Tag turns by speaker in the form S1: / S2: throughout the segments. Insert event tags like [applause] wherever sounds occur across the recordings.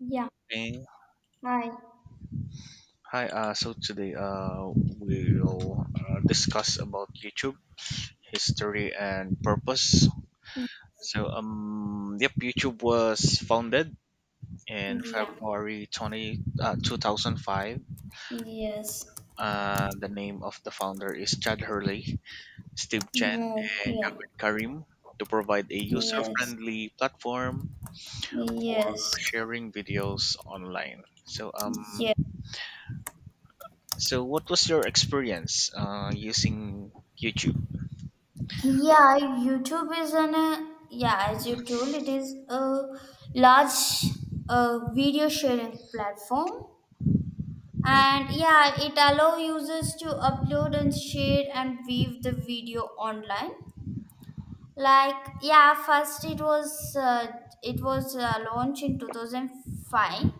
S1: Yeah.
S2: Hey,
S1: Hi.
S2: hi. So today, we'll discuss about YouTube history and purpose. YouTube was founded in
S1: Yeah.
S2: February 20, 2005.
S1: Yes.
S2: The name of the founder is Chad Hurley, Steve Chen,
S1: Move.
S2: and
S1: Yeah.
S2: Javed Karim to provide a
S1: Yes.
S2: user-friendly platform for
S1: Yes.
S2: sharing videos online. So, um,
S1: Yeah.
S2: so what was your experience using YouTube?
S1: Yeah. YouTube is an yeah, as you told, it is a large video sharing platform,
S2: Mm,
S1: and yeah, it allow users to upload and share and view the video online. Like yeah, first it was launched in 2005,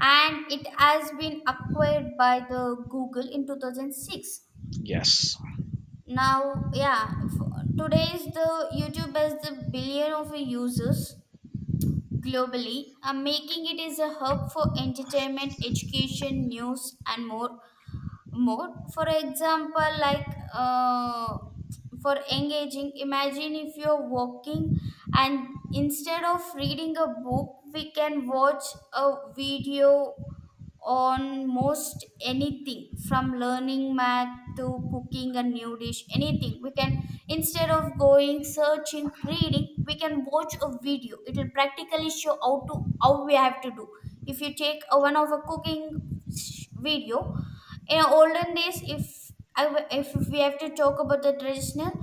S1: and it has been acquired by the Google in 2006.
S2: yes,
S1: Now, yeah, today's the YouTube has the billion of users globally, making it is a hub for entertainment, education, news, and more. For example, like uh, for engaging, imagine if you're walking, and instead of reading a book we can watch a video on most anything, from learning math to cooking a new dish. Anything we can, instead of going, searching, reading, we can watch a video. It will practically show how we have to do. If you take a one of a cooking video, in olden days, if I w- if we have to talk about the traditional,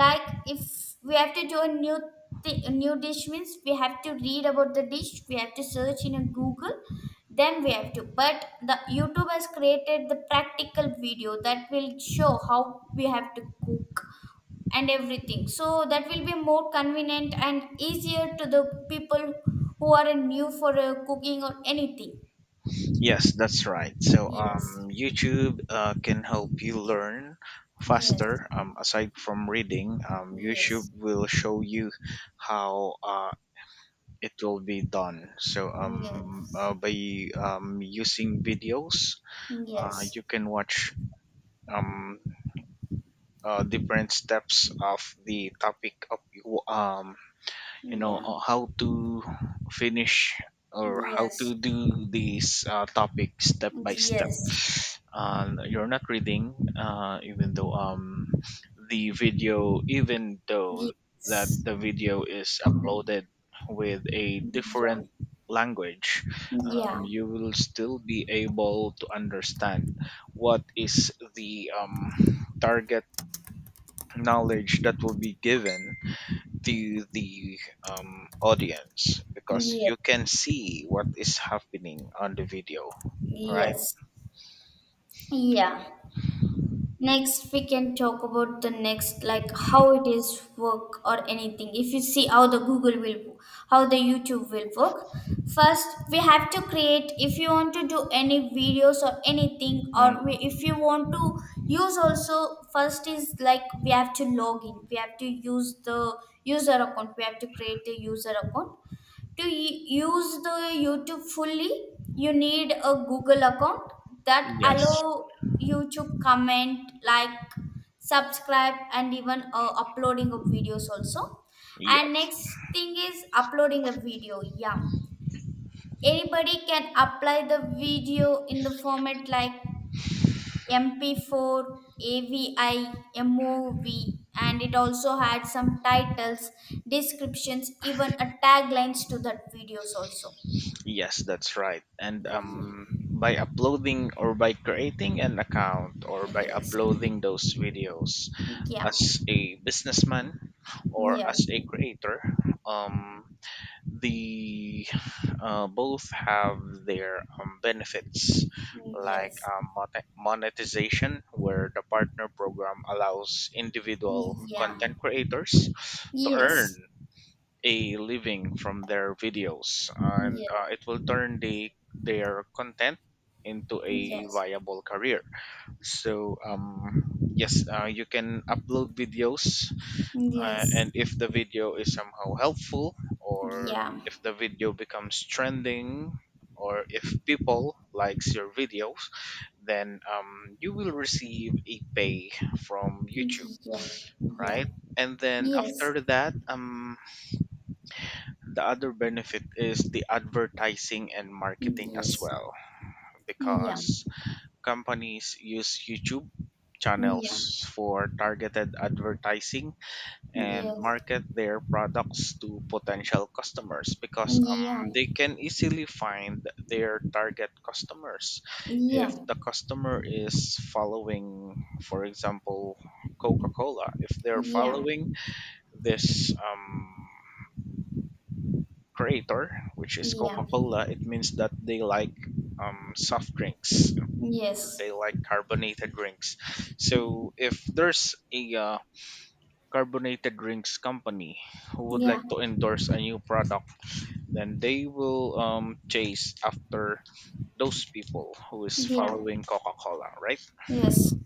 S1: like if we have to do a new dish, means we have to read about the dish, we have to search in a Google, then we have to. But the YouTube has created the practical video that will show how we have to cook and everything. So that will be more convenient and easier to the people who are new for cooking or anything.
S2: yes, that's right.
S1: Yes.
S2: YouTube can help you learn
S1: Yes.
S2: faster. Aside from reading, YouTube
S1: Yes.
S2: will show you how it will be done. So, um,
S1: Yes.
S2: uh, by um, using videos,
S1: Yes.
S2: you can watch um, different steps of the topic of you- um, you know
S1: Yeah.
S2: uh, how to finish or how to
S1: Yes.
S2: do these topics step by step.
S1: Yes.
S2: You're not reading, even though that
S1: Yes.
S2: the video is uploaded with a
S1: Yeah.
S2: different language. Um,
S1: Yeah.
S2: you will still be able to understand what is the target knowledge that will be given to the audience, because
S1: Yes.
S2: you can see what is happening on the video, right?
S1: Yes. Yeah. Next, we can talk about the next, like how it is work or anything. If you see how the YouTube will work, first we have to create. If you want to do any videos or anything,
S2: Mhm.
S1: if you want to use also, first is like we have to log in. We have to use the user account. We have to create a user account to use the YouTube fully. You need a Google account that allow
S2: Yes,
S1: you to comment, like, subscribe, and even uploading of videos also. And
S2: yes,
S1: next thing is uploading a video. Yeah, anybody can apply the video in the format like MP4, avi, mov, and it also had some titles, descriptions, even a taglines to that videos also.
S2: yes, that's right. And,
S1: Ye-
S2: by uploading or by creating an account or by
S1: Yes.
S2: uploading those videos
S1: Yeah.
S2: as a businessman or
S1: Yeah.
S2: as a creator, um, the both have their benefits like
S1: Yes.
S2: monetization, where the partner program allows individual
S1: Yeah.
S2: content creators to earn
S1: Yes.
S2: a living from their videos, and
S1: Yeah.
S2: it will turn their content into a
S1: Yes.
S2: viable career. Yes, you can upload videos,
S1: Yes.
S2: and if the video is somehow helpful, or
S1: Yeah.
S2: if the video becomes trending, or if people likes your videos, then, you will receive a pay from YouTube,
S1: Yeah. Yeah.
S2: right? And then
S1: Yes.
S2: after that, the other benefit is the advertising and marketing as
S1: Yes.
S2: well,
S1: Yeah.
S2: because companies use YouTube
S1: Yeah.
S2: channels for targeted advertising
S1: Yes.
S2: and
S1: Yeah.
S2: market their products to potential customers, because,
S1: Yeah.
S2: they can easily find their target customers.
S1: Yeah.
S2: If
S1: Yeah.
S2: the customer is following, for example, Coca-Cola, if they're
S1: Yes.
S2: following this, creator, which is Coca-Cola, it means that they like, soft drinks, or they like carbonated drinks. So if there's a carbonated drinks company who would like
S1: Yeah.
S2: to endorse a new product, then they will, chase after those people who is
S1: Yeah.
S2: following Coca-Cola, right?
S1: Yes.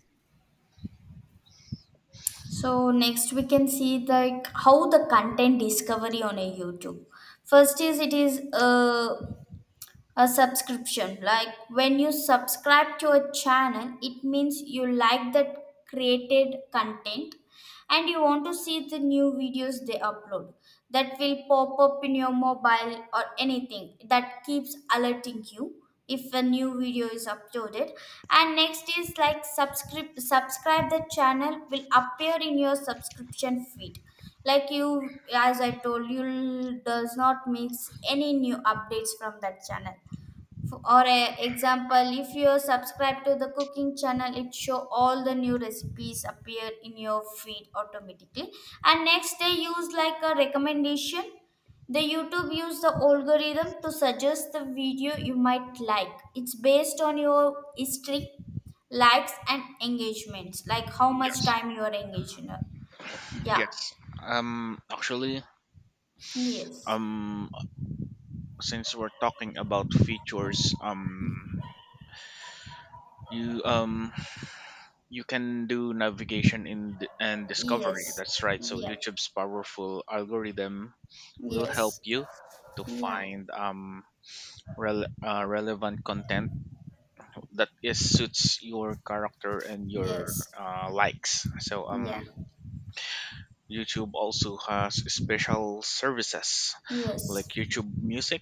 S1: So next we can see like how the content discovery on a YouTube. First is, it is a subscription. Like, when you subscribe to a channel, it means you like that created content, and you want to see the new videos they upload. That will pop up in your mobile or anything, that keeps alerting you if a new video is uploaded. And next is like, subscribe the channel, will appear in your subscription feed, like, you, as I told, you does not miss any new updates from that channel. Or a example, if you subscribe to the cooking channel, it show all the new recipes appear in your feed automatically. And next they use like a recommendation. The YouTube use the algorithm to suggest the video you might like. It's based on your history, likes, and engagements, like how much
S2: Yes,
S1: time you are engaged in. Yeah.
S2: yes, um, actually
S1: Yes.
S2: um since we're talking about features, um, you can do navigation in and discovery,
S1: Yes.
S2: that's right. So
S1: Yeah.
S2: YouTube's powerful algorithm will help
S1: Yes.
S2: you to
S1: Yeah.
S2: find relevant content that is suits your character and your,
S1: Yes.
S2: likes. So,
S1: Yeah.
S2: YouTube also has special services like
S1: Yes.
S2: YouTube Music,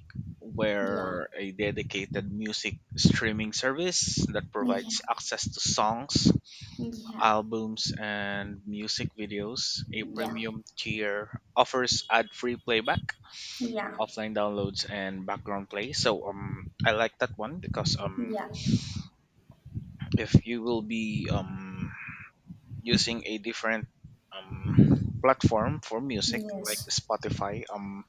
S1: Yeah,
S2: where a dedicated music streaming service that
S1: yeah,
S2: provides access to songs,
S1: yeah,
S2: albums, and music videos. A
S1: yeah,
S2: premium tier offers ad-free playback,
S1: yeah,
S2: offline downloads and background play. So, um, I like that one because, um,
S1: yeah,
S2: if you will be, um, using a different, platform for music like
S1: yes,
S2: Spotify. Um,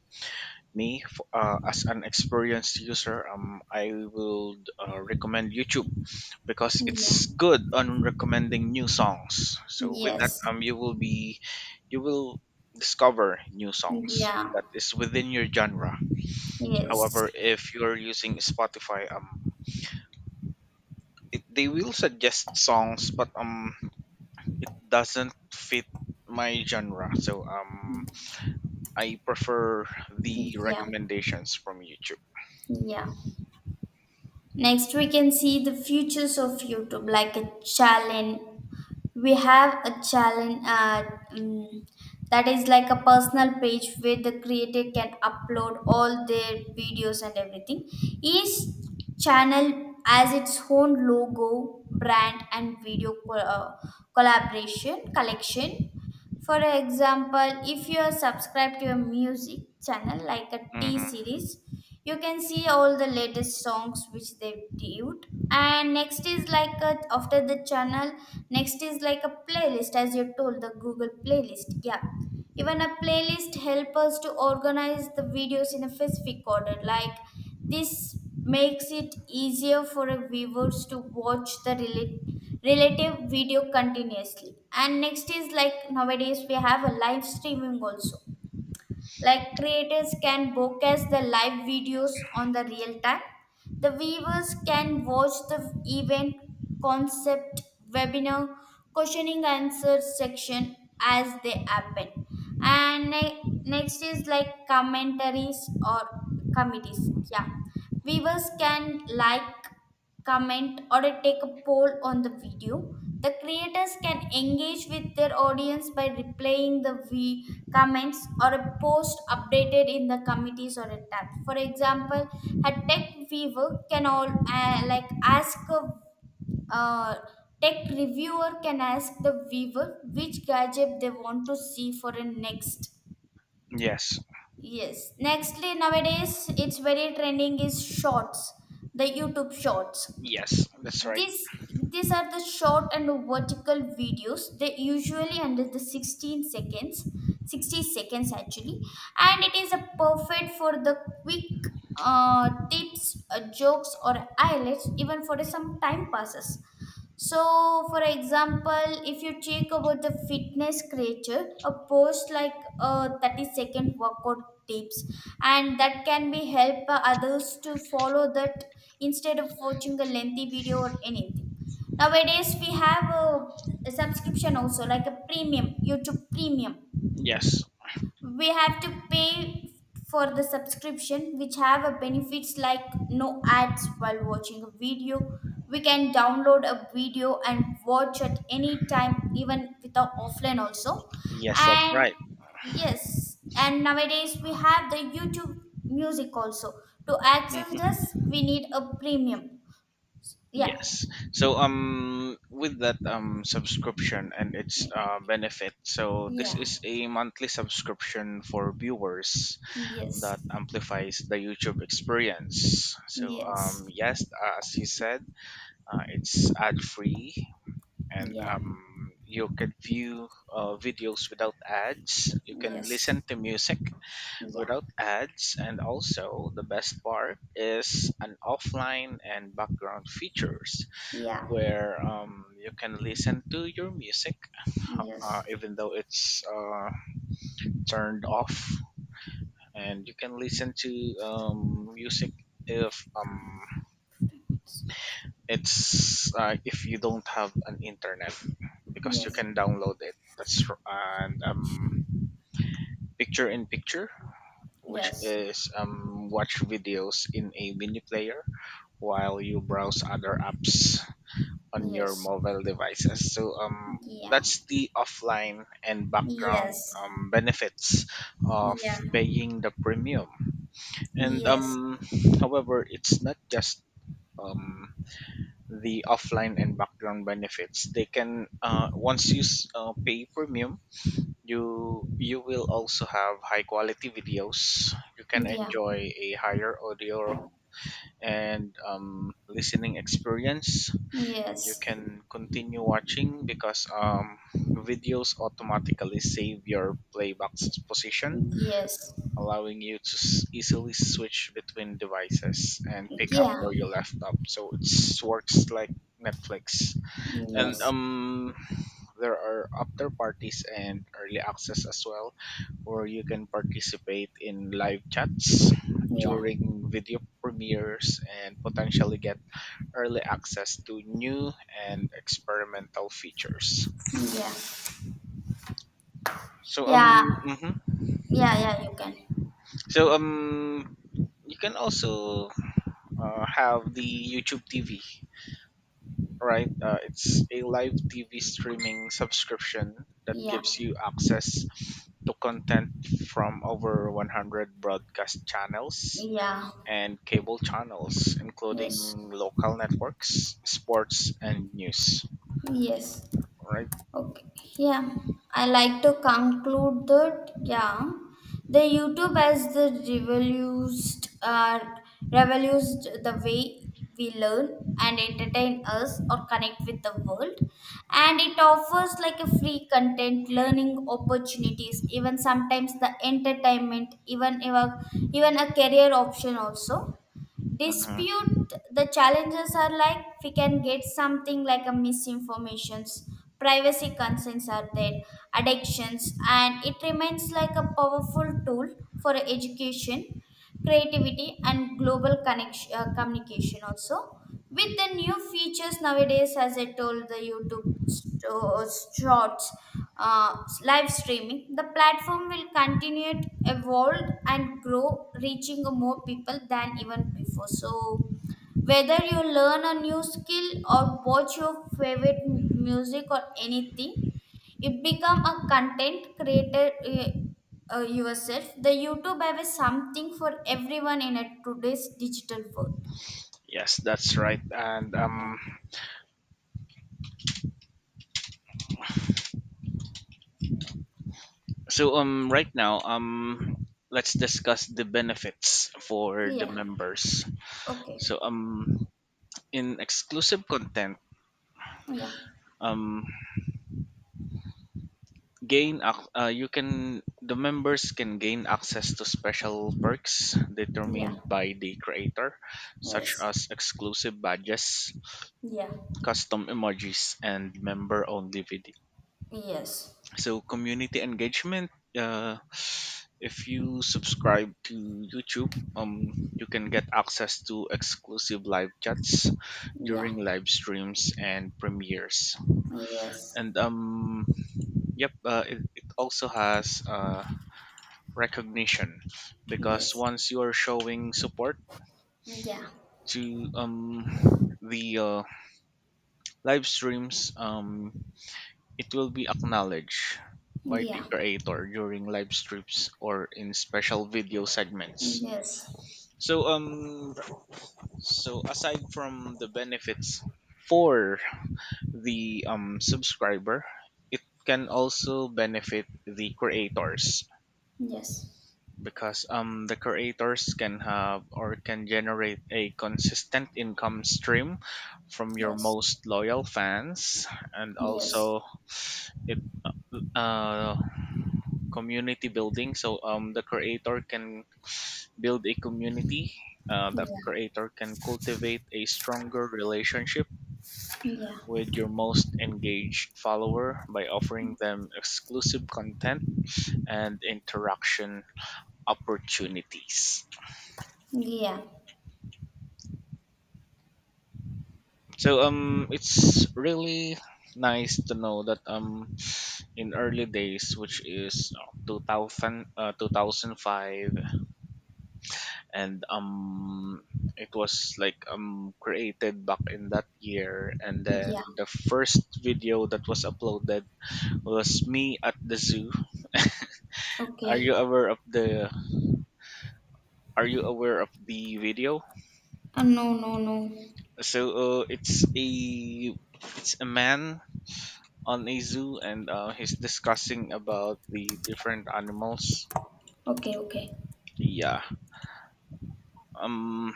S2: me f- uh, as an experienced user, I would, recommend YouTube because
S1: yeah,
S2: it's good on recommending new songs. So with that,
S1: yes,
S2: you will be, you will discover new songs
S1: yeah,
S2: that is within your genre. However,
S1: yes,
S2: if you're using Spotify, it, they will suggest songs, but, it doesn't fit my genre. So, I prefer the
S1: yeah,
S2: recommendations from YouTube.
S1: yeah. Next, we can see the futures of YouTube, like a challenge we have a challenge um, that is like a personal page where the creator can upload all their videos and everything. Each channel has its own logo, brand, and video collaboration, collection. For example, if you are subscribed to a music channel like a t
S2: Hmm.
S1: series you can see all the latest songs which they've debuted. And next is like after the channel, next is like a playlist, as you told, the Google playlist. Yeah, even a playlist help us to organize the videos in a specific order. Like, this makes it easier for a viewers to watch the relate relative video continuously. And next is like, nowadays we have a live streaming also, like creators can broadcast the live videos on the real time. The viewers can watch the event, concept, webinar, questioning answer section as they happen. And next is like commentaries or committees. Yeah, viewers can like comment, or a take a poll on the video. The creators can engage with their audience by replaying the comments or a post updated in the committees or a tab. For example, a tech viewer can all like ask a uh, tech reviewer can ask the viewer which gadget they want to see for a next.
S2: Yes,
S1: Yes. Nextly, nowadays it's very trending is shorts, the YouTube shorts.
S2: yes, that's right.
S1: This these are the short and vertical videos. They usually under the 16 seconds, 60 seconds actually, and it is a perfect for the quick tips, jokes, or highlights, even for some time passes. So, for example, if you check about the fitness creature, a post like a 30-second workout tips, and that can be help others to follow that instead of watching a lengthy video or anything. Nowadays, we have a subscription also, like a premium, YouTube premium.
S2: Yes,
S1: We have to pay for the subscription, which have a benefits like no ads while watching a video, we can download a video and watch at any time even without offline also.
S2: yes, that's
S1: And
S2: right.
S1: yes, and nowadays we have the YouTube music also. To access this,
S2: Hmm.
S1: we need a premium. Yeah.
S2: Yes. So, with that, um, subscription and its, benefit. So this
S1: Yeah.
S2: is a monthly subscription for viewers that
S1: Yes.
S2: amplifies the YouTube experience. So,
S1: Yes.
S2: yes, as you said, it's ad free, and,
S1: Yeah.
S2: you can view, videos without ads. You can
S1: Yes.
S2: listen to music
S1: Yeah.
S2: without ads, and also the best part is an offline and background features,
S1: Yeah.
S2: where, you can listen to your music, uh,
S1: Yes.
S2: even though it's uh, turned off. And you can listen to, music if, It's if you don't have an internet, because you
S1: Yes,
S2: can download it. And, picture in picture, which
S1: yes,
S2: is, watch videos in a mini player while you browse other apps on your
S1: yes,
S2: mobile devices. So,
S1: yeah,
S2: that's the offline and background,
S1: yes,
S2: benefits of
S1: yeah,
S2: paying the premium. And,
S1: yes,
S2: however, it's not just, um, the offline and background benefits. They can, once you pay premium, you will also have high quality videos. You can
S1: yeah,
S2: enjoy a higher audio and, listening experience. You
S1: yes,
S2: can continue watching because, videos automatically save your playback's position,
S1: yes,
S2: allowing you to easily switch between devices and pick up
S1: yeah,
S2: where you left up. So it works like Netflix. And,
S1: yes,
S2: um, there are after parties and early access as well, where you can participate in live chats
S1: yeah,
S2: during video premieres and potentially get early access to new and experimental features. So,
S1: yeah,
S2: um,
S1: yeah,
S2: mhm.
S1: yeah, yeah, you can,
S2: So, um, you can also, have the YouTube TV, right? Uh, it's a live TV streaming subscription that
S1: yeah,
S2: gives you access to content from over 100 broadcast channels
S1: yeah,
S2: and cable channels,
S1: yes,
S2: including local networks, sports, and news.
S1: yes.
S2: Right.
S1: Okay, yeah, I like to conclude that, yeah, the YouTube has the revolutionized the way we learn and entertain us or connect with the world. And it offers like a free content, learning opportunities, even sometimes the entertainment, even a career option also.
S2: Hmm.
S1: Dispute the challenges are like, we can get something like a misinformations, privacy concerns are there, addictions, and it remains like a powerful tool for education, creativity, and global connection, communication also. With the new features nowadays, as I told, the YouTube shorts, uh, live streaming, the platform will continue to evolve and grow, reaching more people than even before. So whether you learn a new skill or watch your favorite music or anything, it become a content creator yourself, the YouTube have a something for everyone in a today's digital world.
S2: Yes, that's right. And,
S1: Yeah.
S2: so, right now, let's discuss the benefits for the
S1: Yeah.
S2: members.
S1: Okay.
S2: So, in exclusive content,
S1: Yeah.
S2: um, you can the members can gain access to special perks
S1: Yeah.
S2: determined by the creator, such
S1: Yes.
S2: as exclusive badges,
S1: Yeah.
S2: custom emojis and member only video.
S1: Yes.
S2: So community engagement, uh, if you subscribe to YouTube, you can get access to exclusive live chats
S1: Yeah.
S2: during live streams and premieres.
S1: Yes.
S2: And, um, yep, it also has, recognition, because
S1: Yes.
S2: once you're showing support
S1: Yeah.
S2: to, the live streams, um, it will be acknowledged by the
S1: Yeah.
S2: creator during live streams or in special video segments.
S1: Yes.
S2: So, um, so aside from the benefits for the, um, subscriber, it can also benefit the creators,
S1: Yes.
S2: because, um, the creators can have or can generate a consistent income stream from your
S1: Yes.
S2: most loyal fans. And
S1: Yes.
S2: also it, uh community building. So, um, the creator can build a community, that
S1: Yeah.
S2: creator can cultivate a stronger relationship
S1: Yeah.
S2: with your most engaged follower by offering them exclusive content and interaction opportunities.
S1: Yeah.
S2: So, it's really nice to know that, in early days, which is, 2005, and, it was like, um, created back in that year, and then
S1: Yeah.
S2: the first video that was uploaded was me at the zoo. [laughs] Are
S1: Okay.
S2: you aware of the Are you aware of the video?
S1: No, no, no.
S2: So uh, it's a man on a zoo, and, he's discussing about the different animals.
S1: Okay, okay.
S2: Yeah. Um,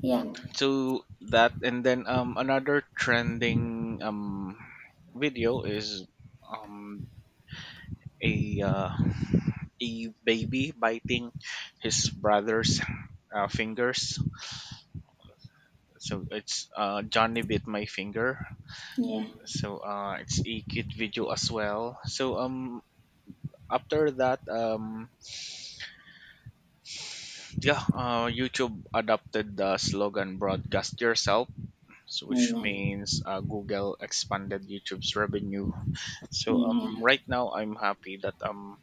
S1: Yeah.
S2: so that, and then, um, another trending, um, video is, um a uh, a baby biting his brother's, fingers. So it's, Johnny bit my finger.
S1: Yeah,
S2: So, it's a cute video as well. So, um, after that, um, yeah, YouTube adopted the slogan "Broadcast Yourself," so which
S1: yeah,
S2: means, Google expanded YouTube's revenue. So,
S1: yeah,
S2: right now, I'm happy that, um,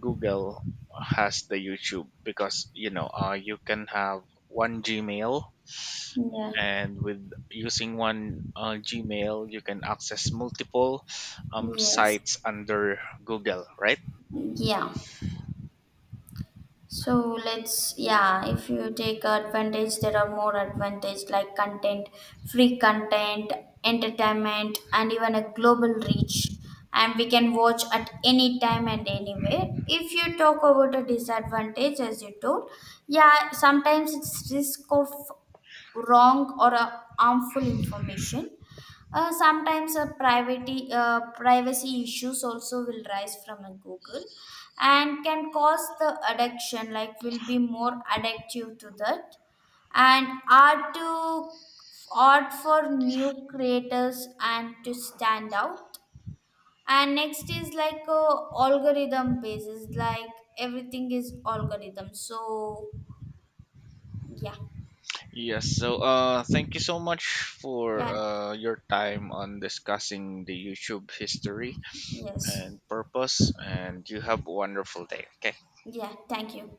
S2: Google has the YouTube, because you know, you can have one Gmail,
S1: yeah.
S2: and with using one, Gmail, you can access multiple, um,
S1: Yes.
S2: sites under Google, right?
S1: Yeah. So let's, yeah, if you take advantage, there are more advantage like content, free content, entertainment, and even a global reach. And we can watch at any time and anywhere. If you talk about a disadvantage, as you told, yeah, sometimes it's risk of wrong or harmful information. Sometimes a privacy issues also will rise from a Google, and can cause the addiction, like will be more addictive to that. And art for new creators and to stand out. And next is like a algorithm basis, like everything is algorithm. So yeah,
S2: Yes, so, thank you so much for,
S1: yeah,
S2: your time on discussing the YouTube history
S1: yes,
S2: and purpose, and you have a wonderful day. Okay.
S1: yeah. Thank you.